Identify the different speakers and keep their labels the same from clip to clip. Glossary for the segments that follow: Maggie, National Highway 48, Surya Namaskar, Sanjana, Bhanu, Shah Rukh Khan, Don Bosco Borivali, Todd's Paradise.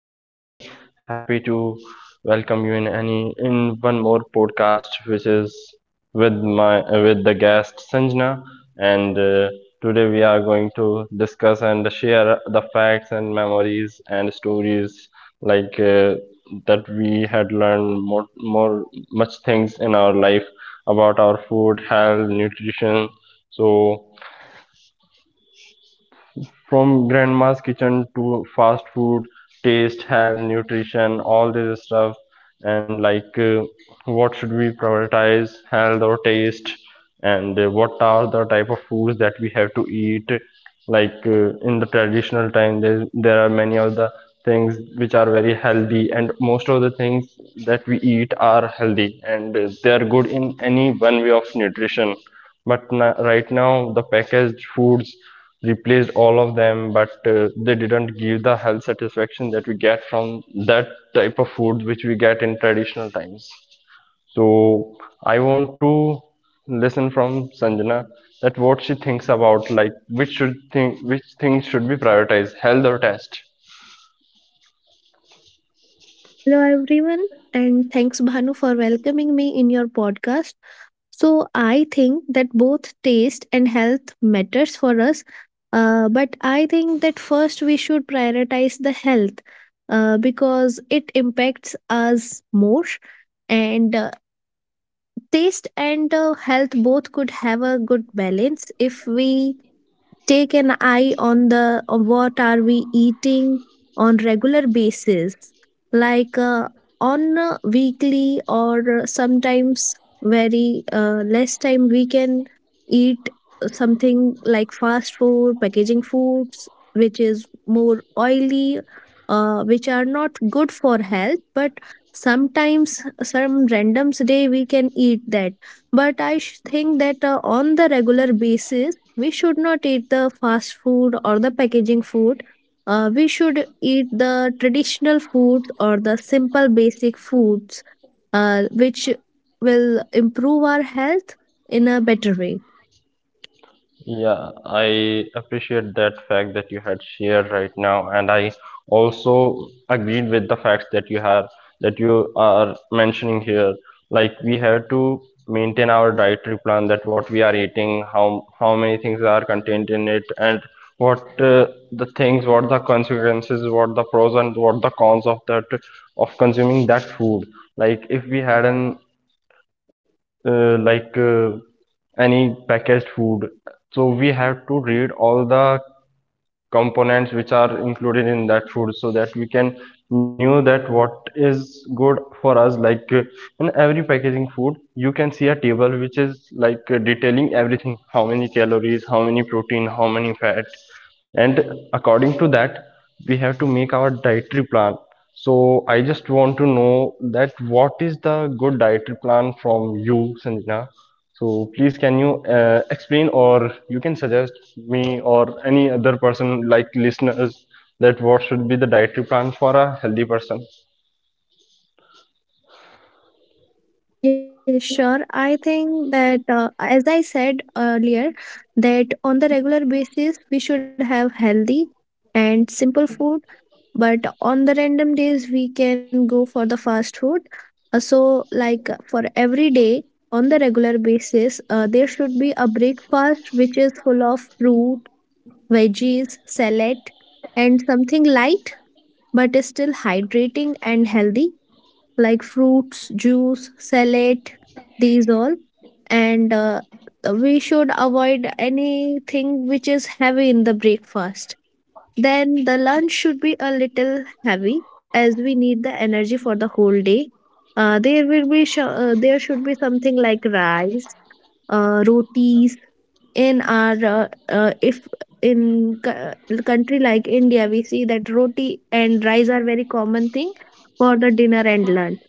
Speaker 1: I'm very happy to welcome you in any in one more podcast, which is with my with the guest Sanjana. And Today we are going to discuss and share the facts and memories and stories like uh, that we had learned more much things in our life about our food, health, nutrition. So. From grandma's kitchen to fast food, taste, health, nutrition, all this stuff. And like What should we prioritize, health or taste? And what are the type of foods that we have to eat? In the traditional time there are many of the things which are very healthy, and most of the things that we eat are healthy, and they are good in any one way of nutrition. But right now the packaged foods replaced all of them, but they didn't give the health satisfaction that we get from that type of food which we get in traditional times. So I want to listen from Sanjana that what she thinks about, like which should think which things should be prioritized, health or taste.
Speaker 2: Hello, everyone, and thanks, Bhanu, for welcoming me in your podcast. So, I think that both taste and health matters for us, but I think that first we should prioritize the health because it impacts us more. And taste and health both could have a good balance if we take an eye on the on what are we eating on regular basis, like on a weekly or sometimes very less time we can eat something like fast food, packaging foods which is more oily, which are not good for health, but sometimes some randoms day we can eat that. But I think that on the regular basis we should not eat the fast food or the packaging food. We should eat the traditional foods or the simple basic foods, which will improve our health in a better way.
Speaker 1: Yeah, I appreciate that fact that you had shared right now, and I also agreed with the facts that you have that you are mentioning here. Like we have to maintain our dietary plan, that what we are eating, how many things are contained in it, and what the things, what the consequences, what the pros and what the cons of that, of consuming that food. Like if we had an uh, like uh, any packaged food. So we have to read all the components which are included in that food so that we can know that what is good for us. Like in every packaging food you can see a table which is detailing everything, how many calories, how many protein, how many fat, and according to that we have to make our dietary plan. So I just want to know that what is the good dietary plan from you, Sanjana. So please, can you explain, or you can suggest me or any other person like listeners, that what should be the dietary plan for a healthy person?
Speaker 2: Yes, sure. I think that, as I said earlier, that on the regular basis, we should have healthy and simple food, but on the random days we can go for the fast food. So like for every day on the regular basis, there should be a breakfast which is full of fruit, veggies, salad, and something light but is still hydrating and healthy, like fruits, juice, salad, these all. And we should avoid anything which is heavy in the breakfast. Then the lunch should be a little heavy as we need the energy for the whole day. There should be something like rice, rotis. In our if in co- country like India, we see that roti and rice are very common thing for the dinner and lunch.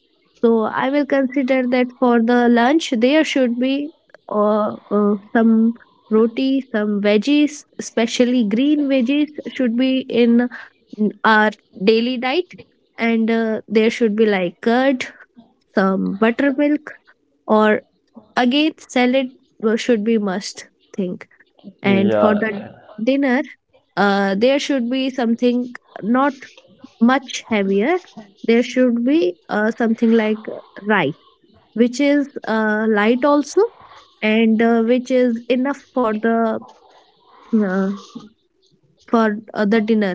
Speaker 2: So I will consider that for the lunch, there should be some roti, some veggies, especially green veggies, should be in our daily diet. And there should be like curd, some buttermilk, or again, salad, should be must thing. And for
Speaker 1: yeah
Speaker 2: the dinner, there should be something not much heavier. There should be something like rice which is light also and which is enough for uh, the dinner.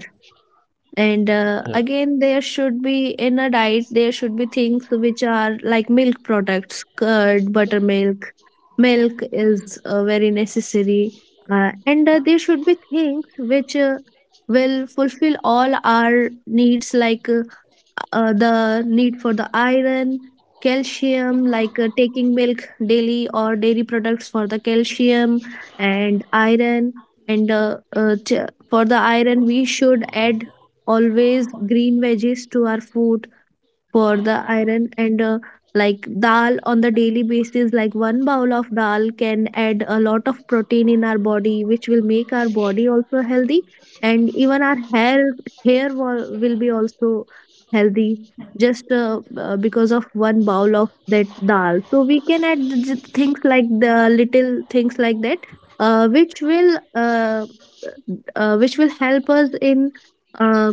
Speaker 2: And
Speaker 1: yeah
Speaker 2: again, there should be, in a diet there should be things which are like milk products, curd, buttermilk. Milk is very necessary. And There should be things which will fulfill all our needs, like the need for the iron, calcium, like taking milk daily or dairy products for the calcium and iron. For the iron, we should add always green veggies to our food for the iron. And like dal on the daily basis, like one bowl of dal can add a lot of protein in our body, which will make our body also healthy, and even our hair, hair will be also healthy just because of one bowl of that dal. So we can add things like the little things like that, uh, which will uh, which will help us in uh,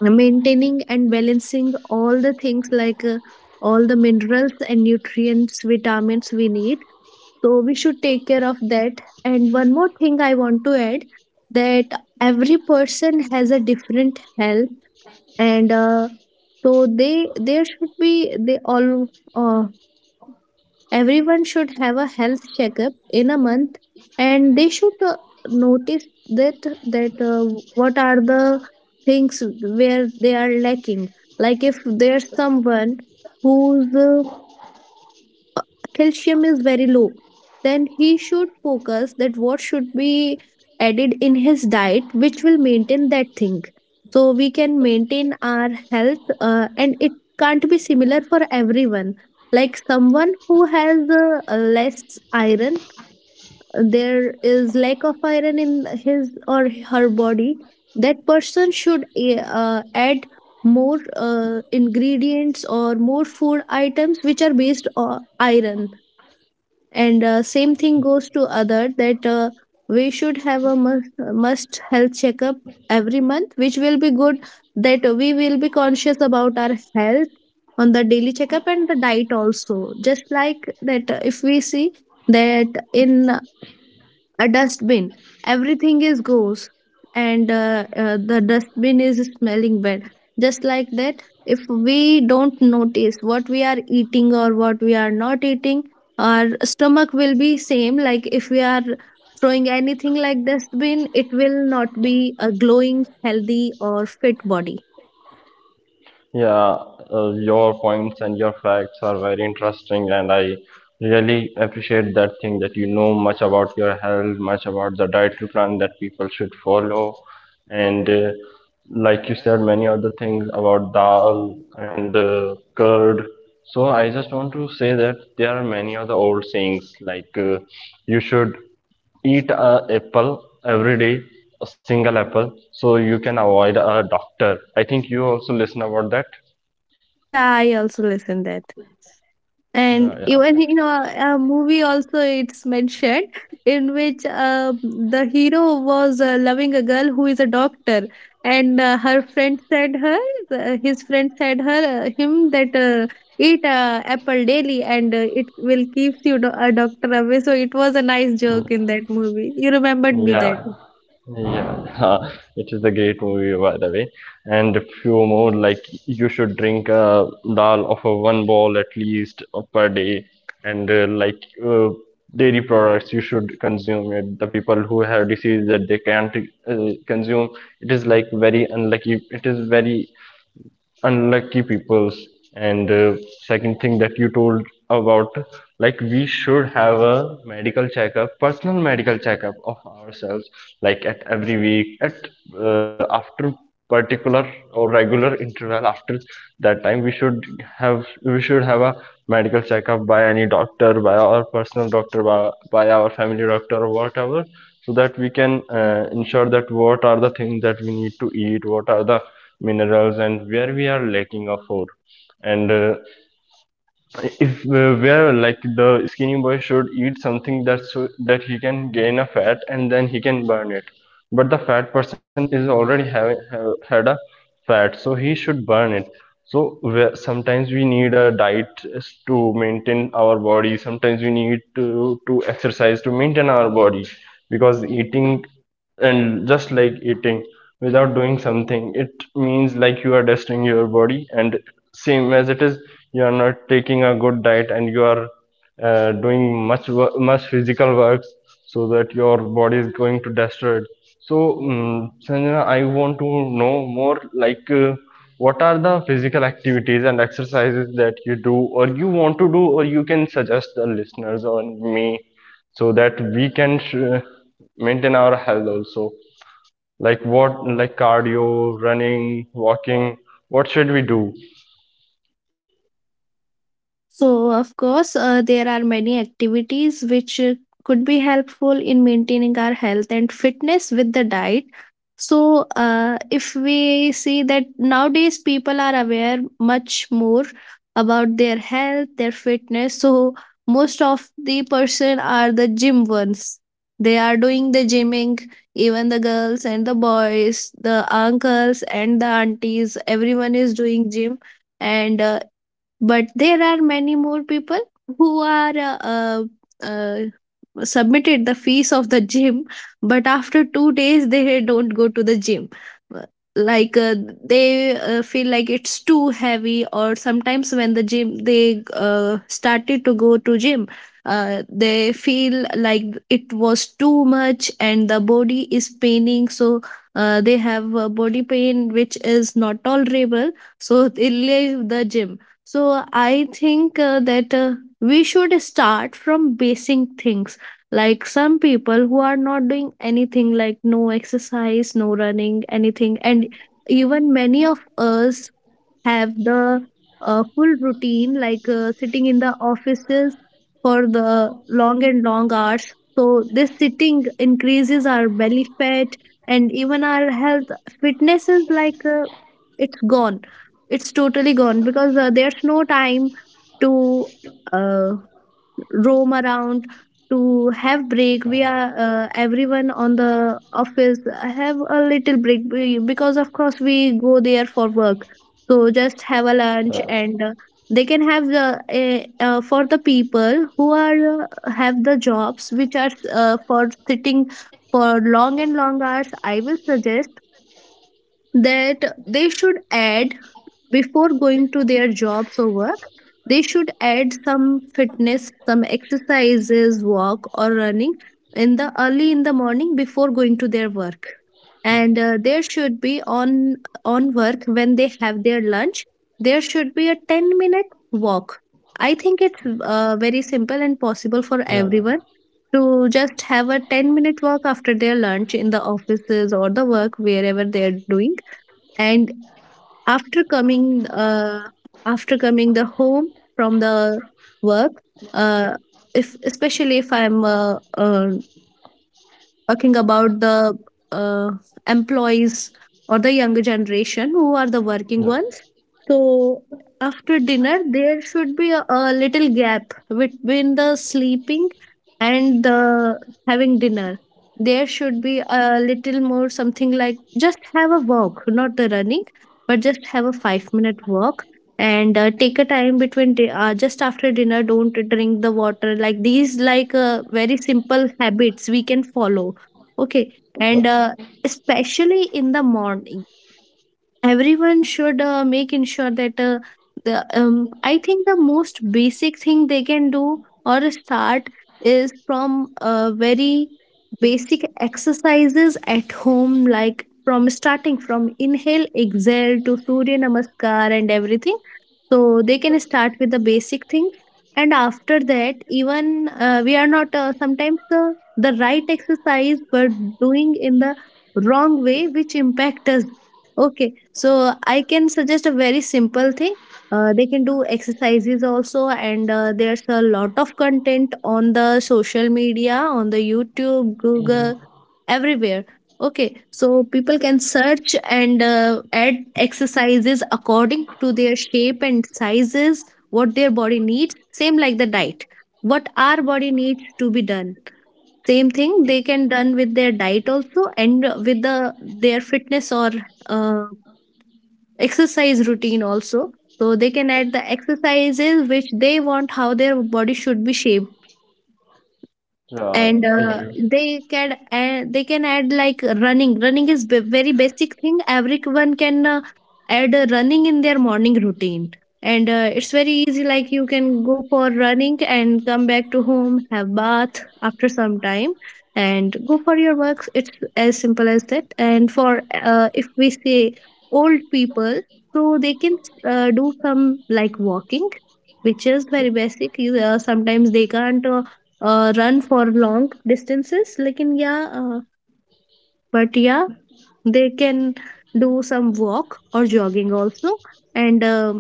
Speaker 2: maintaining and balancing all the things, like all the minerals and nutrients, vitamins we need. So we should take care of that. And one more thing I want to add, that every person has a different health. And so they there should be they all uh, Everyone should have a health checkup in a month, and they should notice that that uh, what are the things where they are lacking. Like if there's someone who's uh, calcium is very low, then he should focus that what should be added in his diet which will maintain that thing, so we can maintain our health. And it can't be similar for everyone. Like someone who has less iron, there is lack of iron in his or her body, that person should add more ingredients or more food items which are based on iron. And same thing goes to other, that we should have a must health checkup every month, which will be good, that we will be conscious about our health on the daily checkup and the diet also. Just like that, if we see that in a dustbin everything is goes, and the dustbin is smelling bad. Just like that, if we don't notice what we are eating or what we are not eating, our stomach will be same. Like if we are throwing anything like dustbin, it will not be a glowing, healthy, or fit body.
Speaker 1: Yeah, your points and your facts are very interesting, and I really appreciate that thing that you know much about your health, much about the dietary plan that people should follow, and like you said, many other things about dal and curd. So I just want to say that there are many other old sayings you should eat a apple every day, a single apple, so you can avoid a doctor. I think you also listen about that.
Speaker 2: Yeah, I also listen that,
Speaker 1: yeah
Speaker 2: and
Speaker 1: yeah
Speaker 2: even in a movie also it's mentioned, in which the hero was loving a girl who is a doctor, and her friend said her his friend said her him that eat apple daily and it will keeps you do- a doctor away. So it was a nice joke in that movie, you remembered me
Speaker 1: yeah
Speaker 2: that.
Speaker 1: yeah, it is a great movie by the way. And a few more, like you should drink a dal of a one bowl at least per day. And like uh, Dairy products, you should consume it. The people who have disease that they can't consume, it is like very unlucky, it is very unlucky peoples. And second thing that you told about, like we should have a medical checkup, personal medical checkup of ourselves, like at every week, at after particular or regular interval. After that time we should have, we should have a medical checkup by any doctor, by our personal doctor, by our family doctor or whatever, so that we can ensure that what are the things that we need to eat, what are the minerals and where we are lacking of for. And if where like the skinny boy should eat something that, so that he can gain a fat and then he can burn it. But the fat person is already having had a fat, so he should burn it. So sometimes we need a diet to maintain our body, sometimes we need to exercise to maintain our body. Because eating and just like eating without doing something, it means like you are destroying your body. And same as it is, you are not taking a good diet and you are doing much physical works, so that your body is going to destroy it. So, Sanjana, I want to know more, what are the physical activities and exercises that you do, or you want to do, or you can suggest the listeners or me, so that we can maintain our health also. Like what, like cardio, running, walking, what should we do?
Speaker 2: So, of course, there are many activities which could be helpful in maintaining our health and fitness with the diet. So, if we see that nowadays people are aware much more about their health, their fitness. So, most of the person are the gym ones. They are doing the gymming, even the girls and the boys, the uncles and the aunties, everyone is doing gym. And but there are many more people who are uh, submitted the fees of the gym, but after 2 days they don't go to the gym. Uh, like uh, they feel like it's too heavy, or sometimes when the gym they started to go to gym, uh, they feel like it was too much and the body is paining, so they have a body pain which is not tolerable, so they leave the gym. So I think that we should start from basic things, like some people who are not doing anything, like no exercise, no running, anything. And even many of us have the full routine, like sitting in the offices for the long and long hours, so this sitting increases our belly fat. And even our health fitness is like, it's gone, it's totally gone, because there's no time to uh, roam around, to have break. We are everyone on the office have a little break, because of course we go there for work, so just have a lunch. And they can have the eh, For the people who are have the jobs which are for sitting for long and long hours, I will suggest that they should add, before going to their jobs or work, they should add some fitness, some exercises, walk or running, in the early in the morning before going to their work. And there should be on work, when they have their lunch, there should be a 10-minute walk. I think it's very simple and possible for
Speaker 1: Yeah.
Speaker 2: everyone to just have a 10-minute walk after their lunch in the offices or the work wherever they're doing. And after coming uh, after coming the home from the work, uh, if especially if I'm talking about the uh, employees or the younger generation who are the working ones, so after dinner there should be a little gap between the sleeping and the having dinner. There should be a little more something, like just have a walk, not the running, but just have a 5-minute walk. And take a time between just after dinner don't drink the water, like these, like very simple habits we can follow. Okay, and
Speaker 1: Yeah.
Speaker 2: uh, especially in the morning, everyone should make ensure that the I think the most basic thing they can do or start is from very basic exercises at home, like from starting from inhale, exhale to Surya Namaskar and everything. So they can start with the basic things, and after that, even we are not sometimes the right exercise but doing in the wrong way, which impact us. Okay, so I can suggest a very simple thing. They can do exercises also, and there's a lot of content on the social media, on the YouTube, Google, everywhere. Okay, so people can search and add exercises according to their shape and sizes, what their body needs, same like the diet. What our body needs to be done. Same thing they can done with their diet also, and with the their fitness or uh, exercise routine also. So they can add the exercises which they want how their body should be shaped
Speaker 1: Yeah,
Speaker 2: and
Speaker 1: you,
Speaker 2: they can add like running very basic thing everyone can add running in their morning routine. And it's very easy, like you can go for running and come back to home, have bath after some time and go for your works. It's as simple as that. And for if we say old people, so they can do some like walking, which is very basic. You, sometimes they can't run for long distances, lekin but yeah, they can do some walk or jogging also, and uh,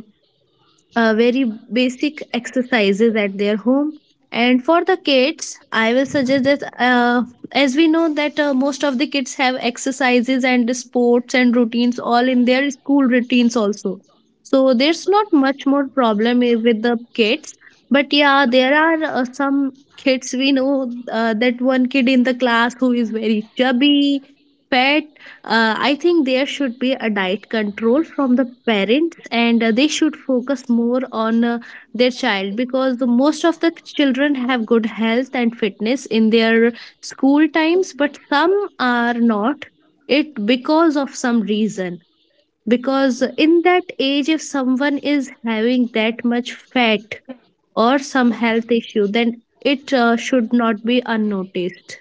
Speaker 2: uh, very basic exercises at their home. And for the kids, I will suggest that, uh, as we know that most of the kids have exercises and sports and routines all in their school routines also, so there's not much more problem with the kids. But yeah, there are some kids, we know that one kid in the class who is very chubby, fat. I think there should be a diet control from the parents, and they should focus more on their child, because the most of the children have good health and fitness in their school times, but some are not. It because of some reason. Because in that age, if someone is having that much fat or some health issue, then it should not be unnoticed.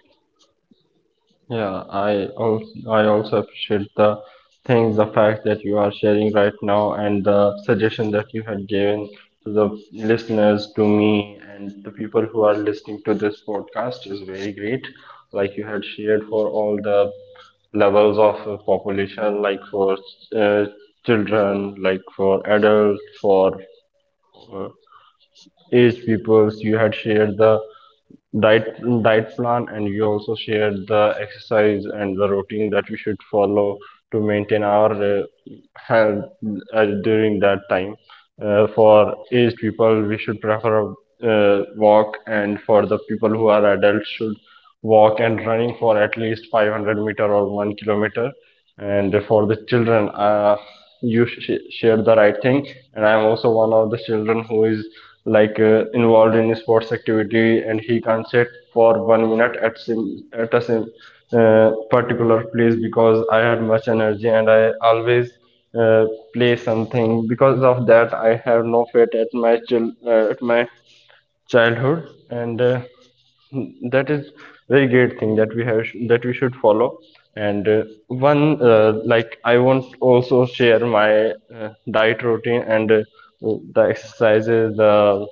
Speaker 1: yeah, I also appreciate the things, the fact that you are sharing right now, and the suggestion that you had given to the listeners, to me, and the people who are listening to this podcast is very great. Like you had shared for all the levels of population, like for uh, children, like for adults, for uh, aged peoples. You had shared the diet diet plan, and you also shared the exercise and the routine that we should follow to maintain our health during that time. Uh, for aged people we should prefer walk, and for the people who are adults should walk and running for at least 500 meter or 1 kilometer. And for the children, you share the right thing. And I'm also one of the children who is involved in sports activity, and he can't sit for 1 minute at particular place, because I had much energy and I always uh, play something. Because of that I have no fit at my at my childhood. And that is very great thing that we have, that we should follow. And one like I want also share my diet routine, and the exercises, the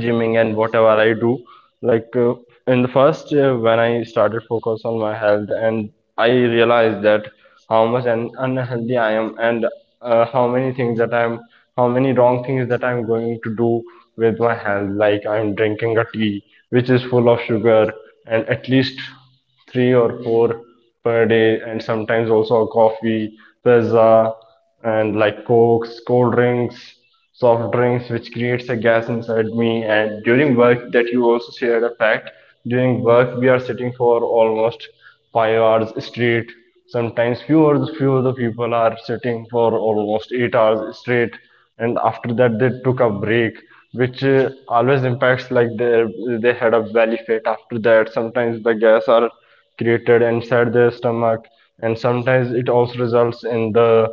Speaker 1: gymming and whatever I do. Like in the first, when I started focus on my health, and I realized that how much an unhealthy I am, and how many things that I'm how many wrong things that I'm going to do with my health. Like I'm drinking a tea which is full of sugar, and at least three or four per day, and sometimes also coffee, pizza, and like cokes, cold drinks, soft drinks, which creates a gas inside me. And during work, that you also shared a fact, during work we are sitting for almost 5 hours straight. Sometimes few of the people are sitting for almost 8 hours straight, and after that they took a break, which always impacts, like they had a belly fat. After that sometimes the gas are created inside their stomach, and sometimes it also results in the,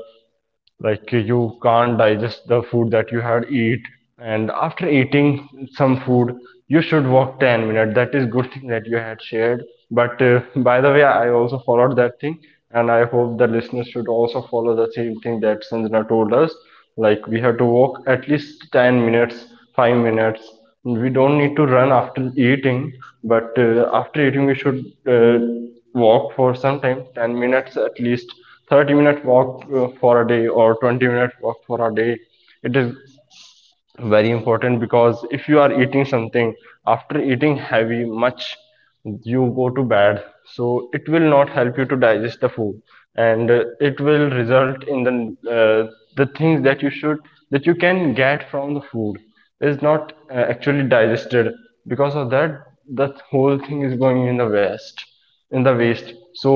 Speaker 1: like you can't digest the food that you had eat. And after eating some food you should walk 10 minutes, that is good thing that you had shared. But by the way, I also followed that thing, and I hope the listeners should also follow the same thing that Sanjana told us. Like we have to walk at least 10 minutes, 5 minutes. We don't need to run after eating, but after eating we should walk for some time, 10 minutes at least, 30-minute walk for a day, or 20-minute walk for a day. It is very important, because if you are eating something, after eating heavy much you go to bed, so it will not help you to digest the food. And it will result in uh, the things that you should, that you can get from the food is not actually digested. Because of that, the whole thing is going in the waste, in the waste. So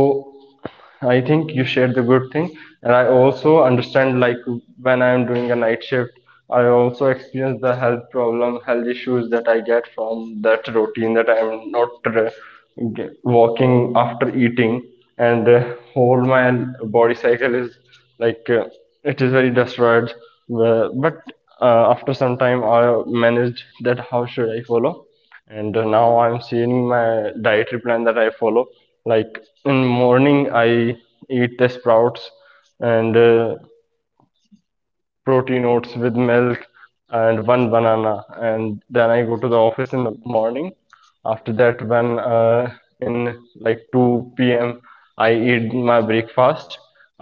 Speaker 1: I think you shared the good thing, and I also understand, like when I am doing a night shift, I also experience the health problem, health issues that I get from that routine, that I am not walking after eating, and whole my body cycle is like uh, it is very destroyed. But after some time, I managed that how should I follow. And now I'm seeing my dietary plan that I follow. Like in morning I eat the sprouts, and protein oats with milk and one banana, and then I go to the office in the morning. After that, when in like 2 p.m I eat my breakfast.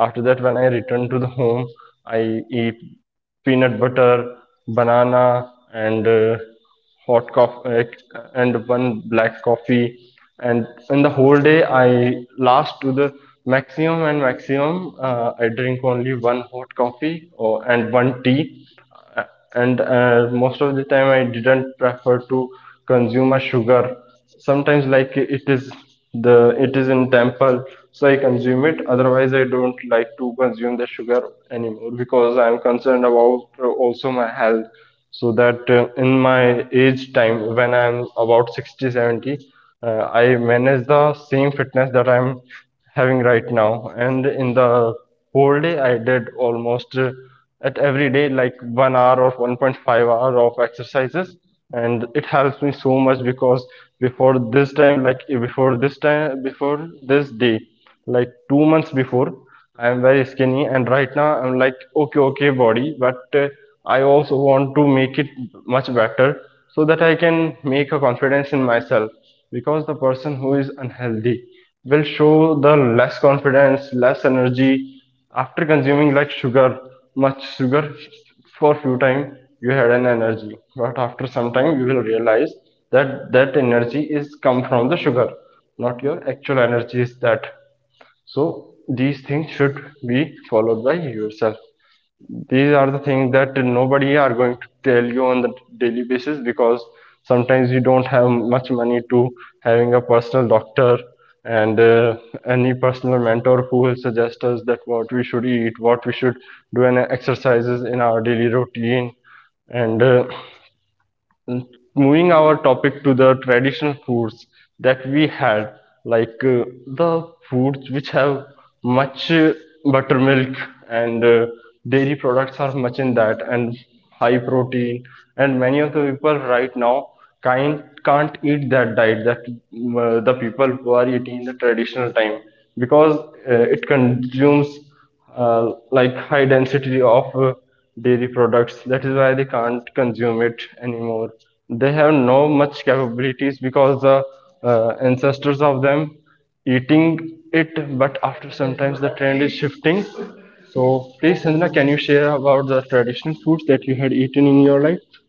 Speaker 1: After that when I return to the home, I eat peanut butter, banana, and hot coffee, and one black coffee. And in the whole day, I last to the maximum and maximum, I drink only one hot coffee or, and one tea and most of the time I didn't prefer to consume a sugar. Sometimes like it is the it is in temple, so I consume it, otherwise I don't like to consume the sugar anymore because I am concerned about also my health, so that in my age time when I am about 60 70, I manage the same fitness that I am having right now. And in the whole day I did almost at every day like 1 hour or 1.5 hour of exercises, and it helps me so much because before this time before this day, like 2 months before, I am very skinny and right now I'm like okay okay body, but I also want to make it much better so that I can make a confidence in myself, because the person who is unhealthy will show the less confidence, less energy. After consuming like sugar, much sugar, for few time you had an energy, but after some time you will realize that that energy is come from the sugar, not your actual energy is that. So these things should be followed by yourself. These are the things that nobody are going to tell you on the daily basis, because sometimes you don't have much money to having a personal doctor, and any personal mentor who will suggest us that what we should eat, what we should do, and exercises in our daily routine. And moving our topic to the traditional foods that we had, like the foods which have much buttermilk and dairy products are much in that, and high protein. And many of the people right now can't eat that diet that the people who are eating in the traditional time, because it consumes like high density of dairy products, that is why they can't consume it anymore. They have no much capabilities because the ancestors of them eating it, but after sometimes the trend is shifting. So please, Sanjana, can you share about the traditional foods that you had eaten in your life?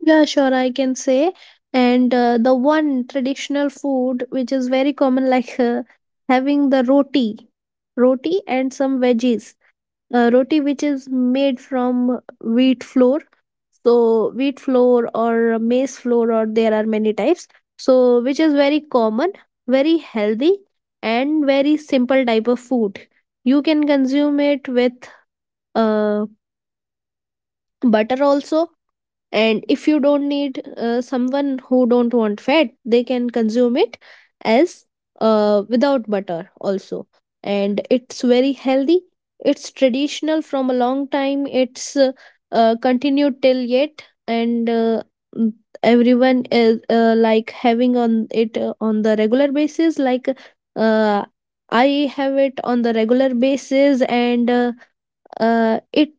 Speaker 2: Yeah, sure, I can say. And the one traditional food which is very common, like having the roti, roti and some veggies. Roti which is made from wheat flour. So wheat flour or maize flour, or there are many types. So which is very common, very healthy, and very simple type of food. You can consume it with uh, butter also, and if you don't need someone who don't want fat, they can consume it as without butter also, and it's very healthy. It's traditional from a long time. It's continued till yet. And mm, everyone is like having on it on the regular basis. Like uh, I have it on the regular basis, and it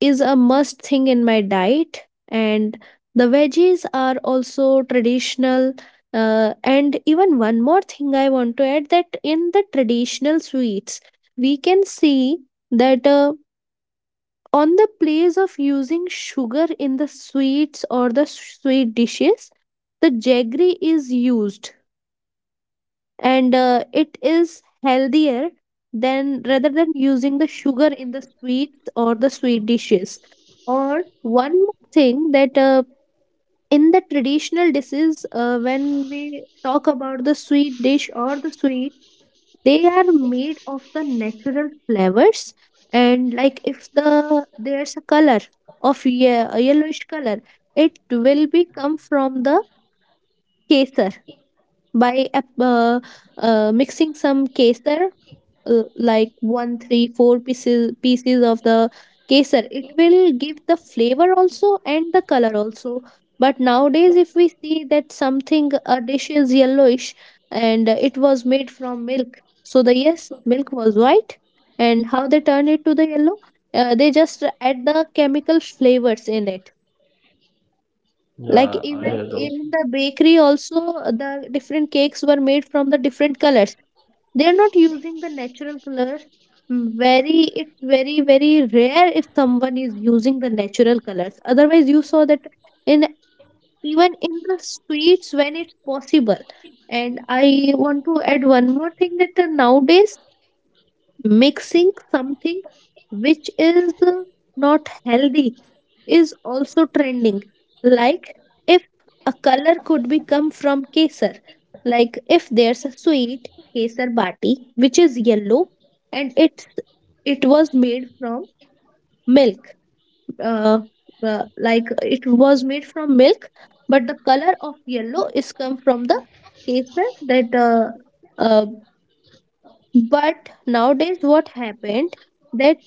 Speaker 2: is a must thing in my diet. And the veggies are also traditional. And even one more thing I want to add, that in the traditional sweets, we can see that, on the place of using sugar in the sweets or the sweet dishes, the jaggery is used, and it is healthier than, rather than using the sugar in the sweets or the sweet dishes. Or one more thing, that in the traditional dishes, when we talk about the sweet dish or the sweet, they are made of the natural flavors. And like if there's a color of a yellowish color, it will be come from the kesar by mixing some kesar, like one three four pieces of the kesar. It will give the flavor also and the color also. But nowadays, if we see that something, a dish is yellowish, and it was made from milk, so the yes, milk was white, and how they turn it to the yellow? They just add the chemical flavors in it. Like
Speaker 1: Yeah, I
Speaker 2: even
Speaker 1: had also
Speaker 2: in the bakery also, the different cakes were made from the different colors. They are not using the natural colors. Mm, very, it's very very rare if someone is using the natural colors. Otherwise, you saw that in, even in the sweets when it's possible. And I want to add one more thing, that nowadays, mixing something which is not healthy is also trending. Like, if a color could be come from kesar, like if there's a sweet, kesar bati, which is yellow, and it's, it was made from milk, uh, like it was made from milk, but the color of yellow is come from the kesar, that uh, but nowadays, what happened, that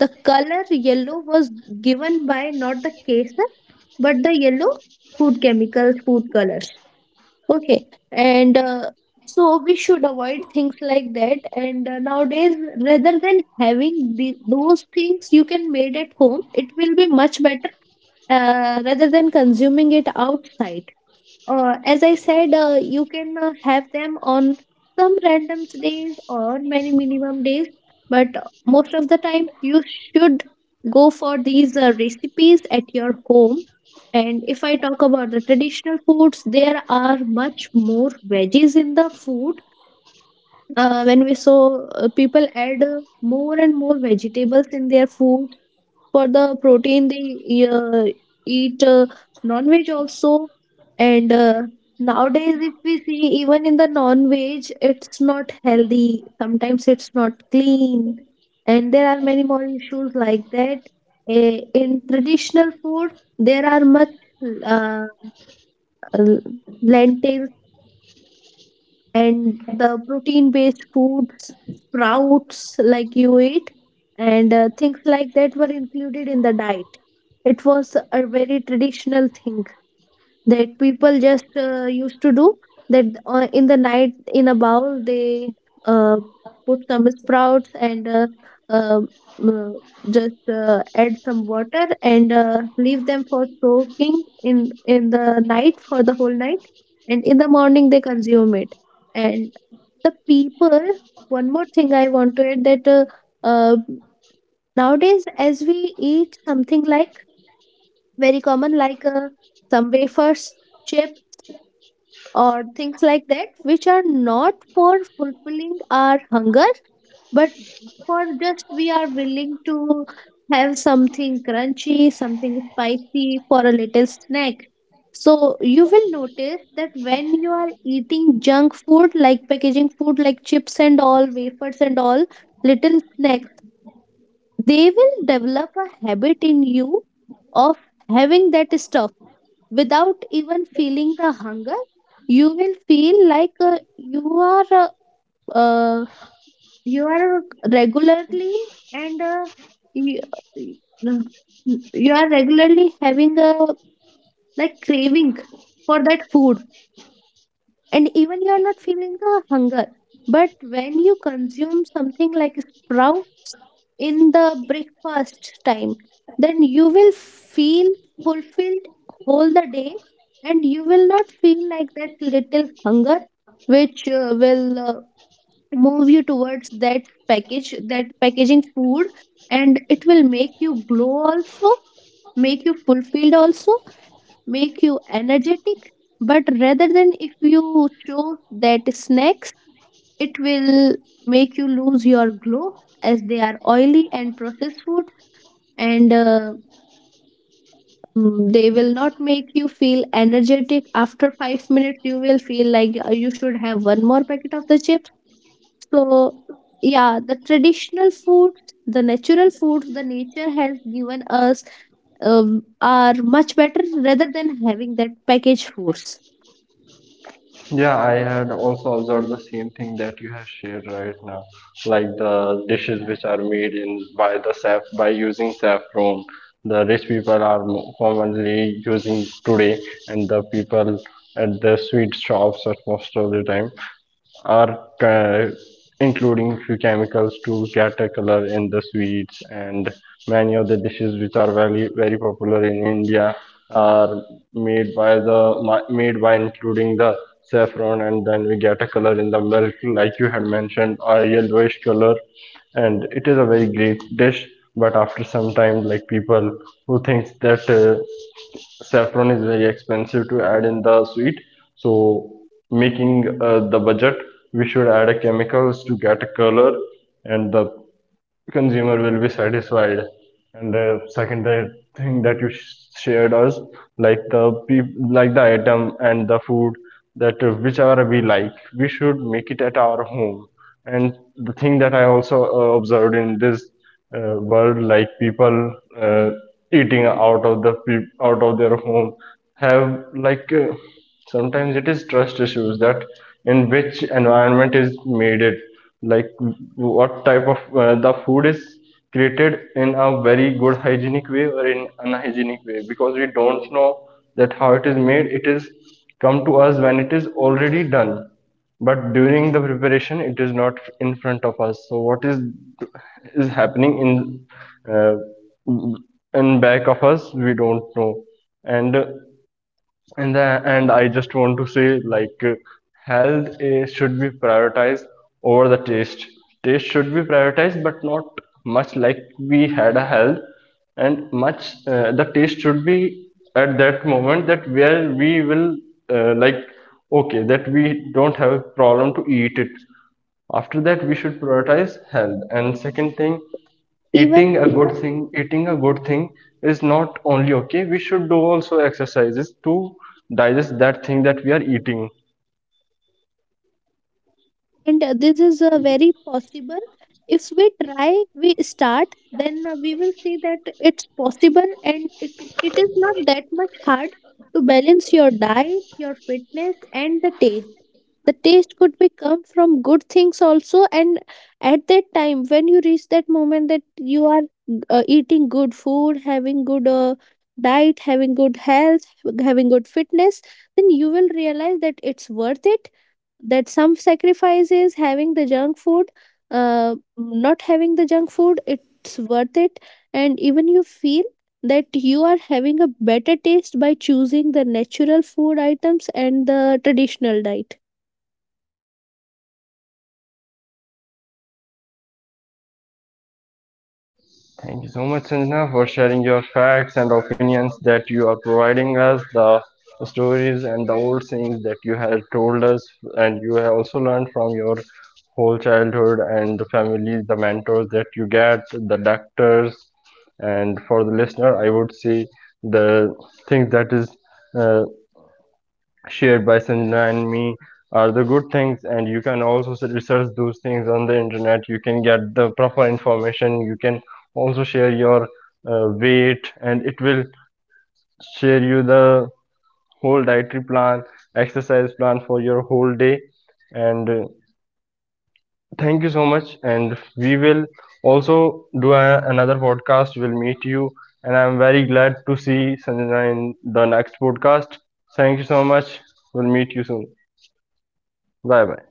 Speaker 2: the color yellow was given by not the caser, but the yellow food chemicals, food colors. Okay, and so we should avoid things like that. And nowadays, rather than having the, those things, you can made at home, it will be much better, rather than consuming it outside. As I said, you can have them on some random days or many minimum days, but most of the time you should go for these recipes at your home. And if I talk about the traditional foods, there are much more veggies in the food. When we saw people add more and more vegetables in their food, for the protein they uh, eat non-veg also. And nowadays, if we see, even in the non-veg, it's not healthy, sometimes it's not clean, and there are many more issues like that. Eh, in traditional food, there are much uh, l- lentils and the protein based foods, sprouts like you eat, and things like that were included in the diet. It was a very traditional thing that people just used to do, that in the night in a bowl they uh, put some sprouts and uh, uh, just add some water and leave them for soaking in the night for the whole night, and in the morning they consume it. And the people, one more thing I want to add, that uh, nowadays as we eat something like very common, like some wafers, chips, or things like that, which are not for fulfilling our hunger, but for just we are willing to have something crunchy, something spicy, for a little snack. So you will notice that when you are eating junk food, like packaging food, like chips and all, wafers and all, little snacks, they will develop a habit in you of having that stuff without even feeling the hunger. You will feel like are uh, uh, you are regularly, and you, uh, you are regularly having a like craving for that food, and even you are not feeling the hunger. But when you consume something like sprout in the breakfast time, then you will feel fulfilled all the day, and you will not feel like that little hunger which will move you towards that package, that packaging food. And it will make you glow also, make you fulfilled also, make you energetic. But rather, than if you chose that snacks, it will make you lose your glow, as they are oily and processed food. And they will not make you feel energetic. After 5 minutes you will feel like you should have one more packet of the chips. So yeah, the traditional foods, the natural foods the nature has given us, are much better rather than having that packaged foods,
Speaker 1: Yeah, I had also observed the same thing that you have shared right now, like the dishes which are made in by the saf by using saffron. The rich people are mo- commonly using today, and the people at the sweet shops are most of the time or ca- including few chemicals to get a color in the sweets. And many of the dishes which are very very popular in India are made by the made by including the saffron, and then we get a color in the milk, like you had mentioned, a yellowish color, and it is a very great dish. But after some time, like people who thinks that saffron is very expensive to add in the sweet, so making the budget, we should add a chemicals to get a color, and the consumer will be satisfied. And the second thing that you shared us, like the like the item and the food that whichever we like, we should make it at our home. And the thing that I also observed in this world, like people uh, eating out of the out of their home have like sometimes it is trust issues, that in which environment is made it, like what type of the food is created, in a very good hygienic way or in unhygienic way, because we don't know that how it is made. It is come to us when it is already done, but during the preparation it is not in front of us, so what is happening in back of us we don't know. And and the, and I just want to say, like health is, should be prioritized over the taste. Taste should be prioritized, but not much like we had a health, and much the taste should be at that moment that where we will like okay that we don't have a problem to eat it. After that, we should prioritize health. And second thing,
Speaker 2: even.
Speaker 1: eating a good thing eating a good thing is not only okay, we should do also exercises to digest that thing that we are eating.
Speaker 2: Yeah, and this is very possible. If we try, we start, then we will see that it's possible, and it is not that much hard to balance your diet, your fitness, and the taste. The taste could be come from good things also, and at that time, when you reach that moment that you are eating good food, having good diet, having good health, having good fitness, then you will realize that it's worth it, that some sacrifice is having the junk food, not having the junk food, it's worth it. And even you feel that you are having a better taste by choosing the natural food items and the traditional diet.
Speaker 1: Thank you so much, Sanjana, for sharing your facts and opinions, that you are providing us the stories and the old sayings that you have told us, and you have also learned from your whole childhood, and the families, the mentors that you get, the doctors. And for the listener, I would say the things that is shared by Sanjana and me are the good things, and you can also research those things on the internet, you can get the proper information. You can also share your weight and it will share you the whole dietary plan, exercise plan for your whole day. And thank you so much, and we will also do a, another podcast. We'll meet you, and I'm very glad to see Sanjana in the next podcast. Thank you so much. We'll meet you soon. Bye bye.